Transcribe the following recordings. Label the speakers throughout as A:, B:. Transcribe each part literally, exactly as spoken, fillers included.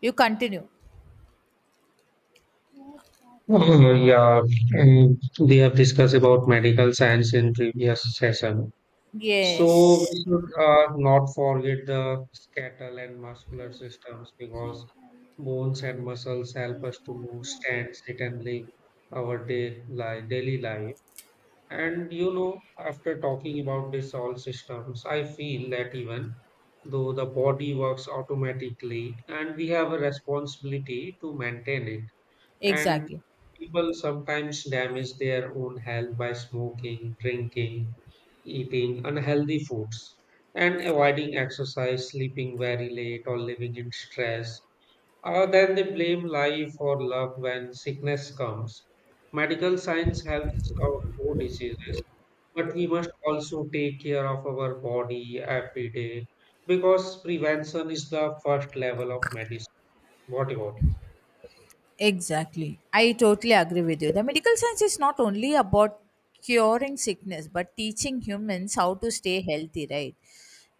A: You continue.
B: Mm, yeah, and we have discussed about medical science in previous session. So
A: Yes,
B: we should uh, not forget the skeletal and muscular systems because bones and muscles help us to move, stand, sit, and live our day life, daily life. And you know, after talking about this all systems, I feel that even though the body works automatically, and we have a responsibility to maintain it and
A: exactly.
B: people sometimes damage their own health by smoking, drinking, eating unhealthy foods, and avoiding exercise, sleeping very late, or living in stress. Or then they blame life or luck when sickness comes. Medical science helps us no diseases, but we must also take care of our body every day because prevention is the first level of medicine. What about?
A: Exactly. I totally agree with you. The medical science is not only about curing sickness but teaching humans how to stay healthy, right?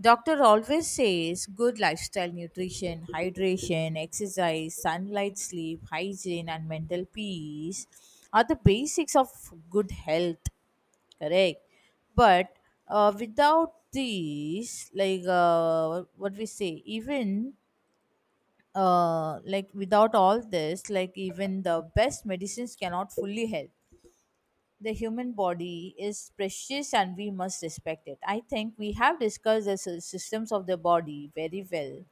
A: Doctor always says good lifestyle, nutrition, hydration, exercise, sunlight, sleep, hygiene and mental peace are the basics of good health, correct? But uh, without these, like uh, what we say, even uh, like without all this, like even the best medicines cannot fully help. The human body is precious and we must respect it. I think we have discussed the sy- systems of the body very well.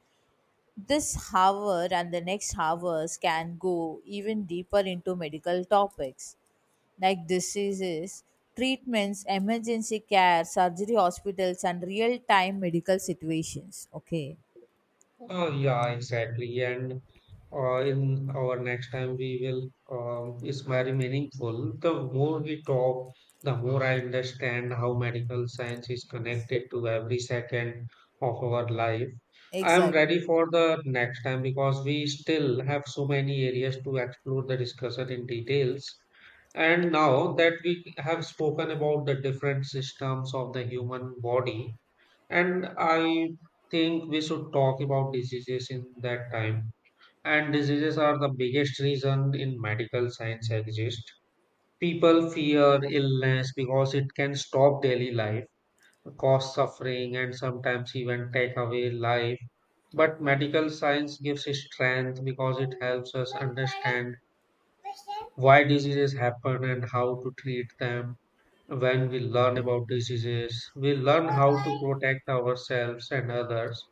A: This hour and the next hours can go even deeper into medical topics like diseases, treatments, emergency care, surgery hospitals, and real time medical situations. Okay,
B: Uh, yeah, exactly. And uh, in our next time, we will. Um, it's very meaningful. The more we talk, the more I understand how medical science is connected to every second of our life. I am
A: exactly,
B: ready for the next time because we still have so many areas to explore the discussion in details. And now that we have spoken about the different systems of the human body, and I think we should talk about diseases in that time. And diseases are the biggest reason in medical science exist. People fear illness because it can stop daily life, cause suffering, and sometimes even take away life. But medical science gives strength because it helps us understand why diseases happen and how to treat them. When we learn about diseases, we learn how to protect ourselves and others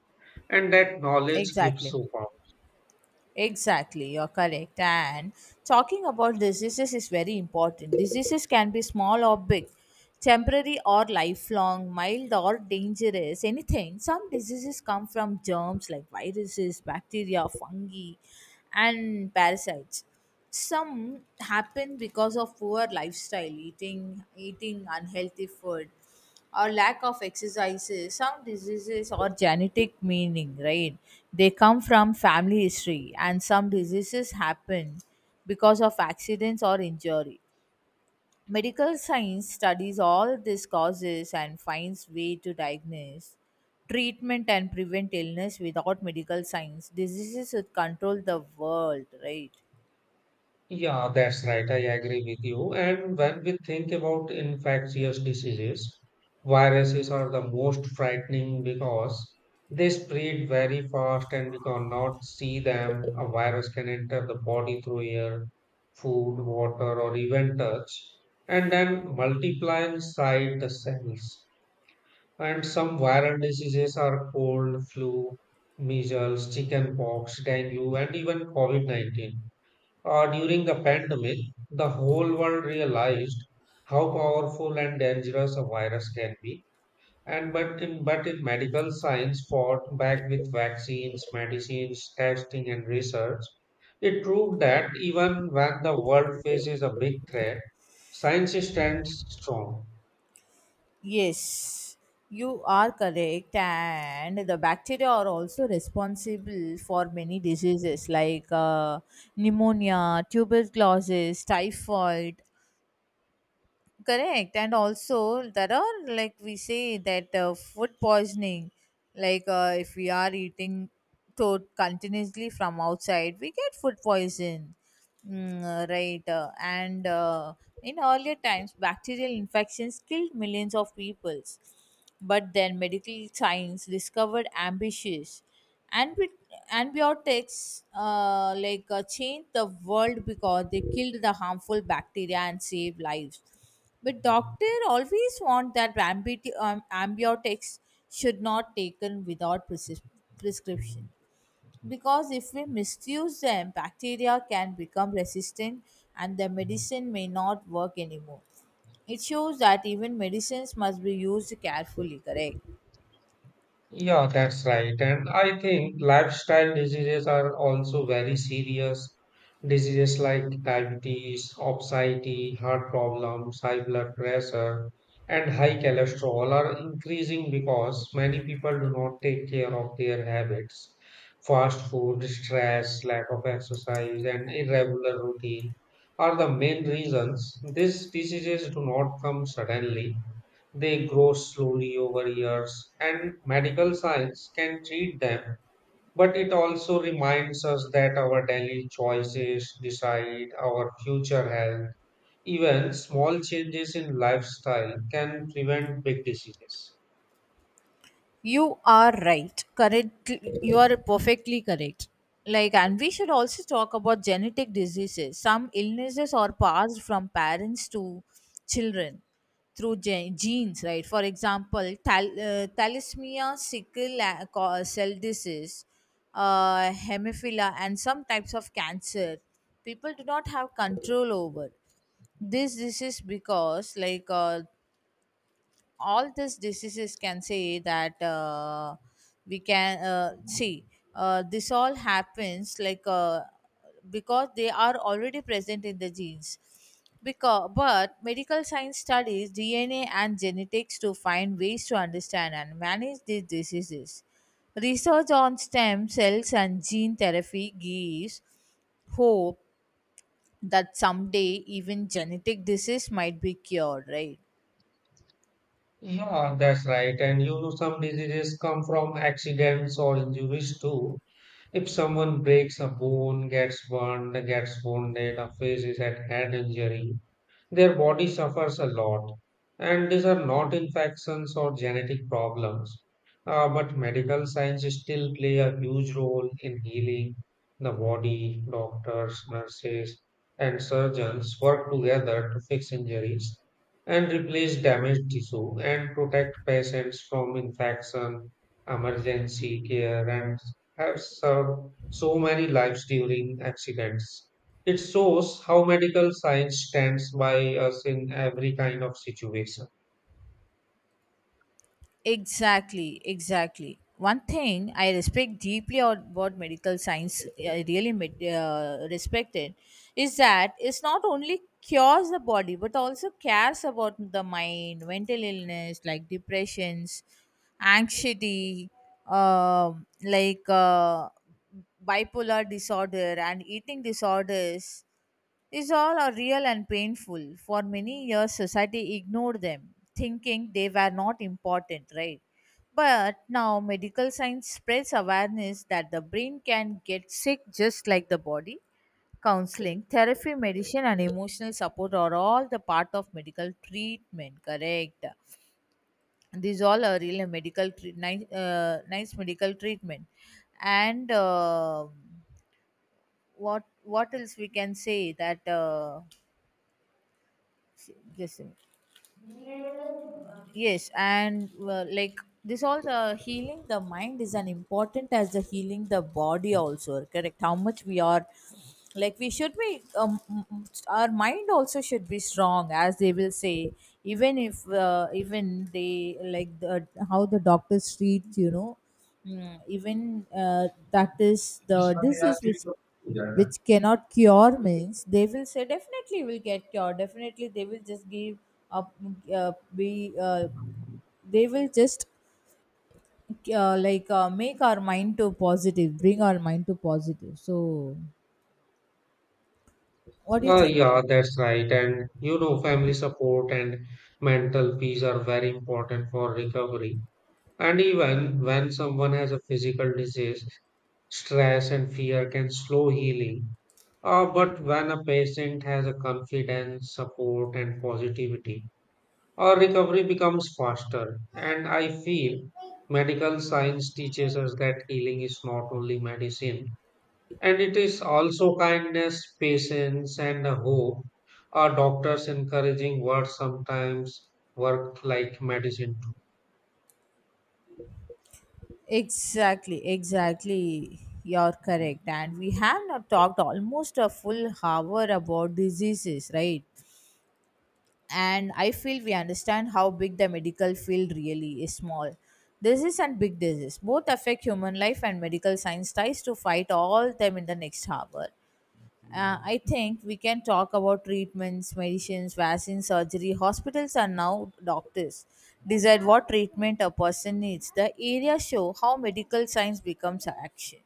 B: and that knowledge gives
A: exactly.
B: so power.
A: Exactly, you're correct. And talking about diseases is very important. Diseases can be small or big, temporary or lifelong, mild or dangerous, anything. Some diseases come from germs like viruses, bacteria, fungi, and parasites. Some happen because of poor lifestyle, eating eating unhealthy food or lack of exercises. Some diseases are genetic, meaning, right, they come from family history, and some diseases happen because of accidents or injury. Medical science studies all these causes and finds way to diagnose, treatment and prevent illness. Without medical science, diseases would control the world, right?
B: Yeah, that's right. I agree with you. And when we think about infectious diseases, viruses are the most frightening because they spread very fast and we cannot see them. A virus can enter the body through air, food, water, or even touch, and then multiply inside the cells. And some viral diseases are cold, flu, measles, chickenpox, dengue, and even COVID nineteen. Uh, during the pandemic, the whole world realized how powerful and dangerous a virus can be. And but in, but in medical science fought back with vaccines, medicines, testing, and research, it proved that even when the world faces a big threat, science stands strong.
A: Yes, you are correct, and the bacteria are also responsible for many diseases like uh, pneumonia, tuberculosis, typhoid. Correct, and also there are, like we say that uh, food poisoning, like uh, if we are eating to- continuously from outside, we get food poison, mm, uh, right? Uh, and uh, In earlier times, bacterial infections killed millions of peoples, but then medical science discovered ambitious antibi- antibiotics, uh, like uh, changed the world because they killed the harmful bacteria and saved lives. But doctor always want that ambi- um, ambiotics should not taken without presis- prescription, because if we misuse them, bacteria can become resistant and the medicine may not work anymore. It shows that even medicines must be used carefully, correct?
B: Yeah, that's right. And I think lifestyle diseases are also very serious. Diseases like diabetes, obesity, heart problems, high blood pressure, and high cholesterol are increasing because many people do not take care of their habits. Fast food, stress, lack of exercise, and irregular routine are the main reasons these diseases do not come suddenly. They grow slowly over years, and medical science can treat them. But it also reminds us that our daily choices decide our future health. Even small changes in lifestyle can prevent big diseases.
A: You are right. Correct. You are perfectly correct. Like, and we should also talk about genetic diseases. Some illnesses are passed from parents to children through gen- genes, right? For example, thal- uh, thalassemia, sickle uh, co- cell disease, uh, hemophilia, and some types of cancer. People do not have control over this disease because, like, uh, all these diseases, can say that uh, we can uh, see uh, this all happens like uh, because they are already present in the genes. Because, but medical science studies DNA and genetics to find ways to understand and manage these diseases. Research on stem cells and gene therapy gives hope that someday even genetic disease might be cured, right?
B: Yeah, that's right. And you know, some diseases come from accidents or injuries too. If someone breaks a bone, gets burned, gets wounded, or faces a head injury, their body suffers a lot, and these are not infections or genetic problems. Uh, but medical science still play a huge role in healing the body. Doctors, nurses, and surgeons work together to fix injuries and replace damaged tissue and protect patients from infection, emergency care, and have served so many lives during accidents. It shows how medical science stands by us in every kind of situation.
A: Exactly, exactly. One thing I respect deeply about medical science, I really med- uh, respect it, is that it's not only cures the body but also cares about the mind. Mental illness like depressions, anxiety, um like uh, bipolar disorder and eating disorders, these all are real and painful. For many years society ignored them thinking they were not important, right? But now medical science spreads awareness that the brain can get sick just like the body. Counseling, therapy, medicine and emotional support are all the part of medical treatment, correct? These all are really medical treat, nice, uh, nice medical treatment. And um what what else we can say that uh, this Yes, and uh, like, this all, the healing the mind is an important as the healing the body also, correct? How much we are, like we should be, um, m- m- our mind also should be strong, as they will say. Even if uh, even they like the, how the doctors treat, you know. Mm, even uh, that is the disease which which cannot cure means they will say definitely will get cured, definitely. They will just give up, uh, be uh, they will just uh, like uh, make our mind to positive, bring our mind to positive. So what do you
B: Uh,
A: think?
B: yeah, that's right. And you know, family support and mental peace are very important for recovery. And even when someone has a physical disease, stress and fear can slow healing. Uh, but when a patient has a confidence, support, and positivity, our recovery becomes faster. And I feel medical science teaches us that healing is not only medicine, and it is also kindness, patience, and a hope. Our doctors' encouraging words sometimes work like medicine
A: Exactly, exactly, you're
B: too.
A: correct. And we have not talked almost a full hour about diseases, right? And I feel we understand how big the medical field really is. Small disease and big disease both affect human life, and medical science tries to fight all them. In the next hour, Uh, I think we can talk about treatments, medicines, vaccines, surgery. Hospitals are now doctors decide what treatment a person needs. The area show how medical science becomes action.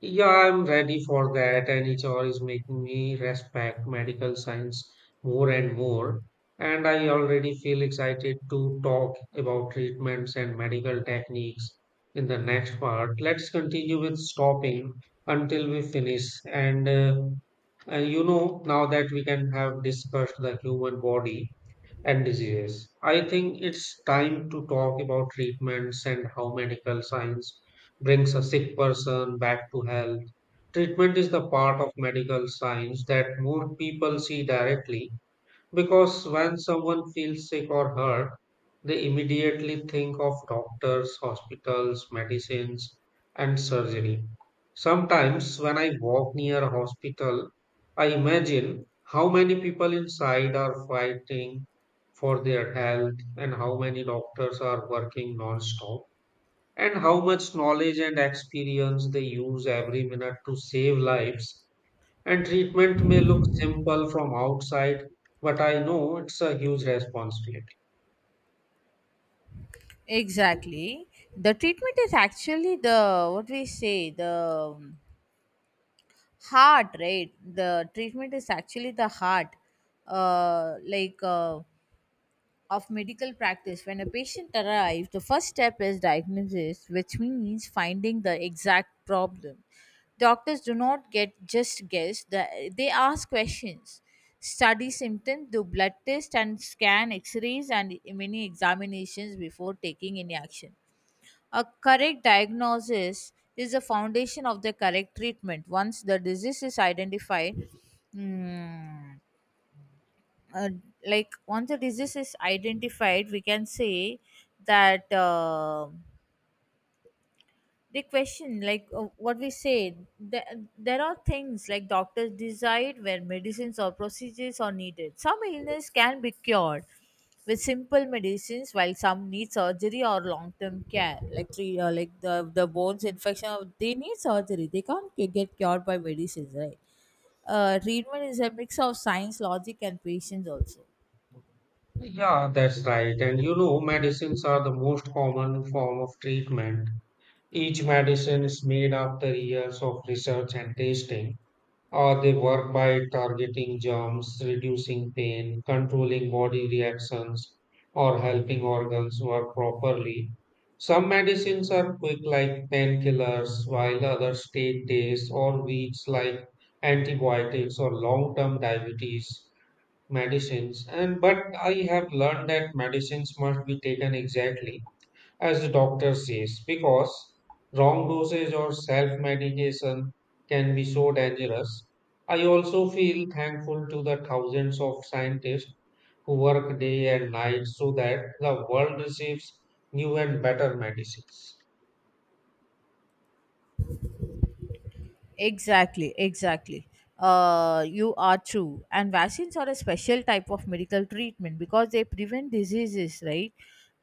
B: Yeah, I'm ready for that, and H R is making me respect medical science more and more. And I already feel excited to talk about treatments and medical techniques in the next part. Let's continue with stopping until we finish. And uh, and you know, now that we can have discussed the human body, and diseases. I think it's time to talk about treatments and how medical science brings a sick person back to health. Treatment is the part of medical science that more people see directly because when someone feels sick or hurt, they immediately think of doctors, hospitals, medicines, and surgery. Sometimes, when I walk near a hospital, I imagine how many people inside are fighting for their health, and how many doctors are working non-stop, and how much knowledge and experience they use every minute to save lives and treatment may look simple from outside, but I know it's a huge responsibility.
A: Exactly, the treatment is actually the, what we say, the heart, right? The treatment is actually the heart, uh, like uh, of medical practice. When a patient arrives, the first step is diagnosis, which means finding the exact problem. Doctors do not get just guess, the, they ask questions, study symptoms, do blood tests and scan x-rays and many examinations before taking any action. A correct diagnosis is the foundation of the correct treatment. Once the disease is identified, mm, uh, like once the disease is identified, we can say that. Uh, the question, like uh, what we say there, there are things like doctors decide where medicines or procedures are needed. Some illness can be cured with simple medicines, while some need surgery or long term care. Like three uh, like the the bones infection, uh, they need surgery, they can't cu- get cured by medicines, right? Uh, treatment is a mix of science, logic and patience also.
B: Yeah, that's right. And you know, medicines are the most common form of treatment. Each medicine is made after years of research and testing. Or they work by targeting germs, reducing pain, controlling body reactions, or helping organs work properly. Some medicines are quick, like painkillers, while others take days or weeks, like antibiotics or long term diabetes medicines. And but I have learned that medicines must be taken exactly as the doctor says, because wrong dosage or self medication can be so dangerous. I also feel thankful to the thousands of scientists who work day and night so that the world receives new and better medicines.
A: Exactly, exactly. Uh, you are true. And vaccines are a special type of medical treatment because they prevent diseases, right?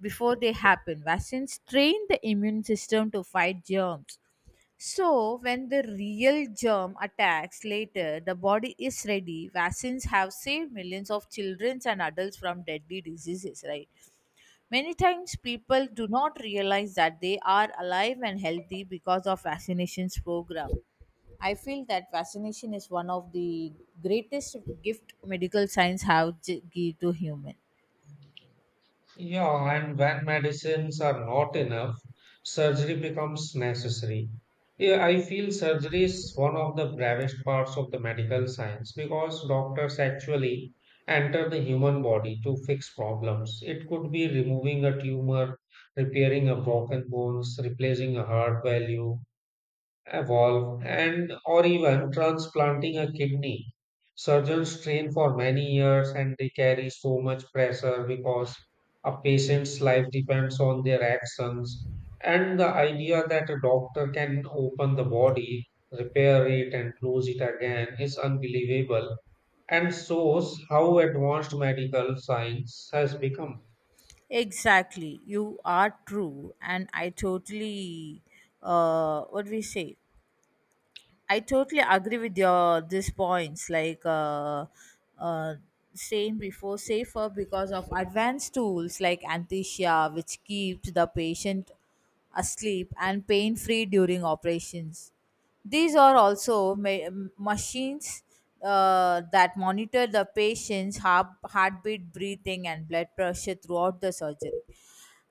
A: Before they happen, vaccines train the immune system to fight germs. So, when the real germ attacks later, the body is ready. Vaccines have saved millions of children and adults from deadly diseases, right? Many times people do not realize that they are alive and healthy because of vaccinations program. I feel that vaccination is one of the greatest gift medical science have gi- give to human.
B: Yeah, and when medicines are not enough, surgery becomes necessary. Yeah, I feel surgery is one of the bravest parts of the medical science because doctors actually enter the human body to fix problems. It could be removing a tumor, repairing a broken bones, replacing a heart valve, evolve and or even transplanting a kidney. Surgeons train for many years and they carry so much pressure because a patient's life depends on their actions. And the idea that a doctor can open the body, repair it, and close it again is unbelievable and shows how advanced medical science has become.
A: Exactly, you are true, and I totally uh, what we say. I totally agree with your these points, like uh, uh, saying before safer because of advanced tools like anesthesia, which keeps the patient asleep and pain free during operations. These are also ma- machines uh, that monitor the patient's heart, heartbeat, breathing, and blood pressure throughout the surgery.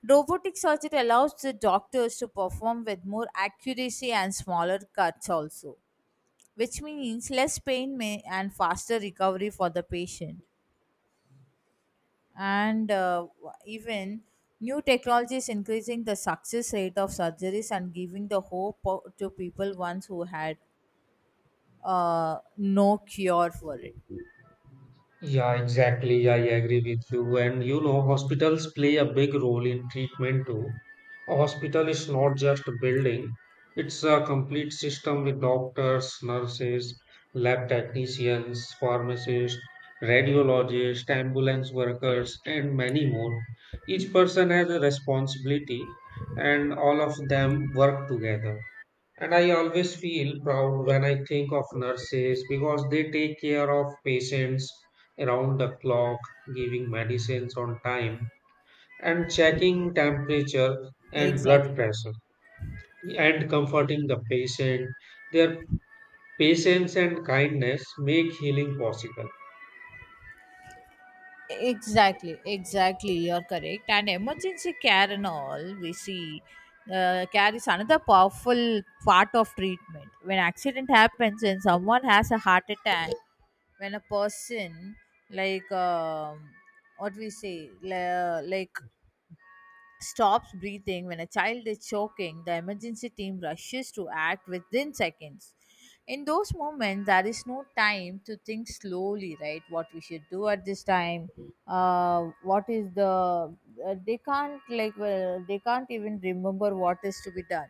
A: Robotic surgery allows the doctors to perform with more accuracy and smaller cuts also, which means less pain may and faster recovery for the patient. And uh, even new technologies increasing the success rate of surgeries and giving the hope o- to people once who had uh, no cure for it.
B: Yeah, exactly. Yeah, I agree with you. And you know, hospitals play a big role in treatment too. A hospital is not just a building, it's a complete system with doctors, nurses, lab technicians, pharmacists, radiologists, ambulance workers, and many more. Each person has a responsibility, and all of them work together. And I always feel proud when I think of nurses because they take care of patients around the clock, giving medicines on time, and checking temperature and blood
A: Exactly.
B: pressure, and comforting the patient. Their patience and kindness make healing possible.
A: Exactly. Exactly. You're correct. And emergency care and all, we see uh, care is another powerful part of treatment. When accident happens and someone has a heart attack, when a person like um, what we say la- like stops breathing, when a child is choking, the emergency team rushes to act within seconds. In those moments, there is no time to think slowly, right? What we should do at this time? Uh, what is the? Uh, they can't, like, well, they can't even remember what is to be done.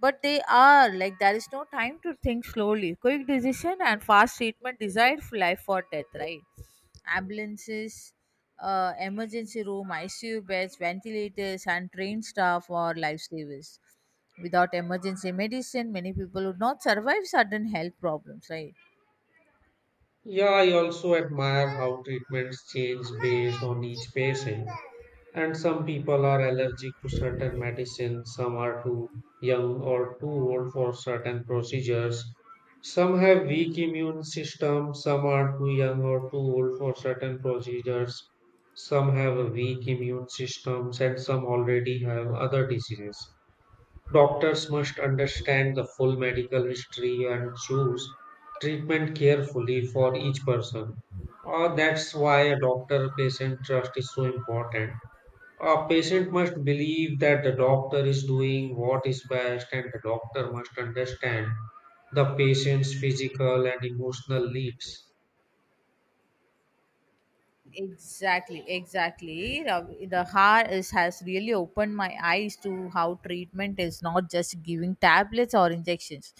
A: But they are like there is no time to think slowly. Quick decision and fast treatment desired for life or death, right? Ambulances, uh, emergency room, I C U beds, ventilators, and trained staff or lifesavers. Without emergency medicine, many people would not survive sudden health problems, right?
B: Yeah, I also admire how treatments change based on each patient and some people are allergic to certain medicines, some are too young or too old for certain procedures. Some have weak immune system, some are too young or too old for certain procedures. Some have a weak immune systems and some already have other diseases. Doctors must understand the full medical history and choose treatment carefully for each person. Uh, that's why a doctor patient trust is so important a patient must believe that the doctor is doing what is best, and the doctor must understand the patient's physical and emotional needs.
A: Exactly, exactly. The the heart is, has really opened my eyes to how treatment is not just giving tablets or injections.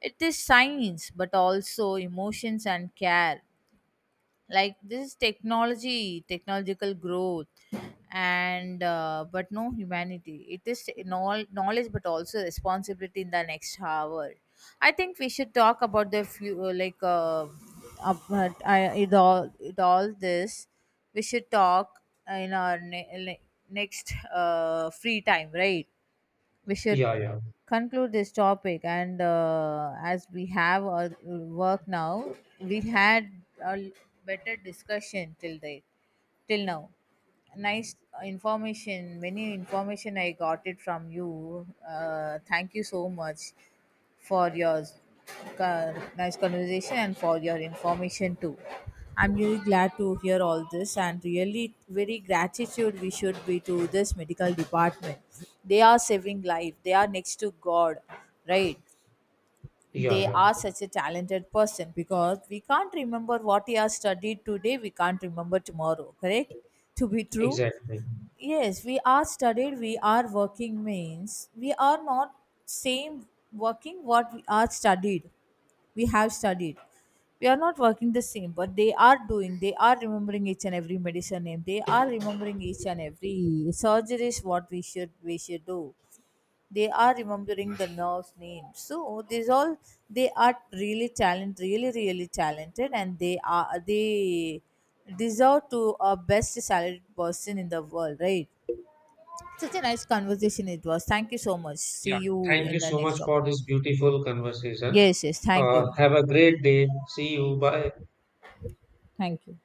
A: It is science, but also emotions and care. Like, this is technology, technological growth, and uh, but no humanity, it is knowl- knowledge but also responsibility. In the next hour, I think we should talk about the few, like uh, about, I, it all, it all this, we should talk in our ne- le- next uh, free time, right? We should
B: Yeah, yeah,
A: conclude this topic. And uh, as we have our work now, we had a better discussion till date, till now. Nice information, many information I got it from you. Uh, thank you so much for your uh, nice conversation and for your information too. I'm really glad to hear all this and really very gratitude we should be to this medical department. They are saving life. They are next to God, right?
B: yeah,
A: They
B: yeah,
A: are such a talented person because we can't remember what he has studied today, we can't remember tomorrow, correct? To be true.
B: exactly.
A: Yes, we are studied, we are working means we are not same working what we are studied, we have studied, we are not working the same. But they are doing, they are remembering each and every medicine name, they are remembering each and every surgeries what we should we should do. They are remembering the nurse name, so these all, they are really talented, really really talented. And they are, they deserve to a best salaried person in the world, right? Such a nice conversation it was. Thank you so much, see
B: Yeah,
A: you
B: thank
A: in
B: you
A: the
B: so
A: next
B: much
A: topic.
B: for this beautiful conversation.
A: Yes, yes, thank
B: Uh,
A: you.
B: have a great day. See you. Bye.
A: Thank you.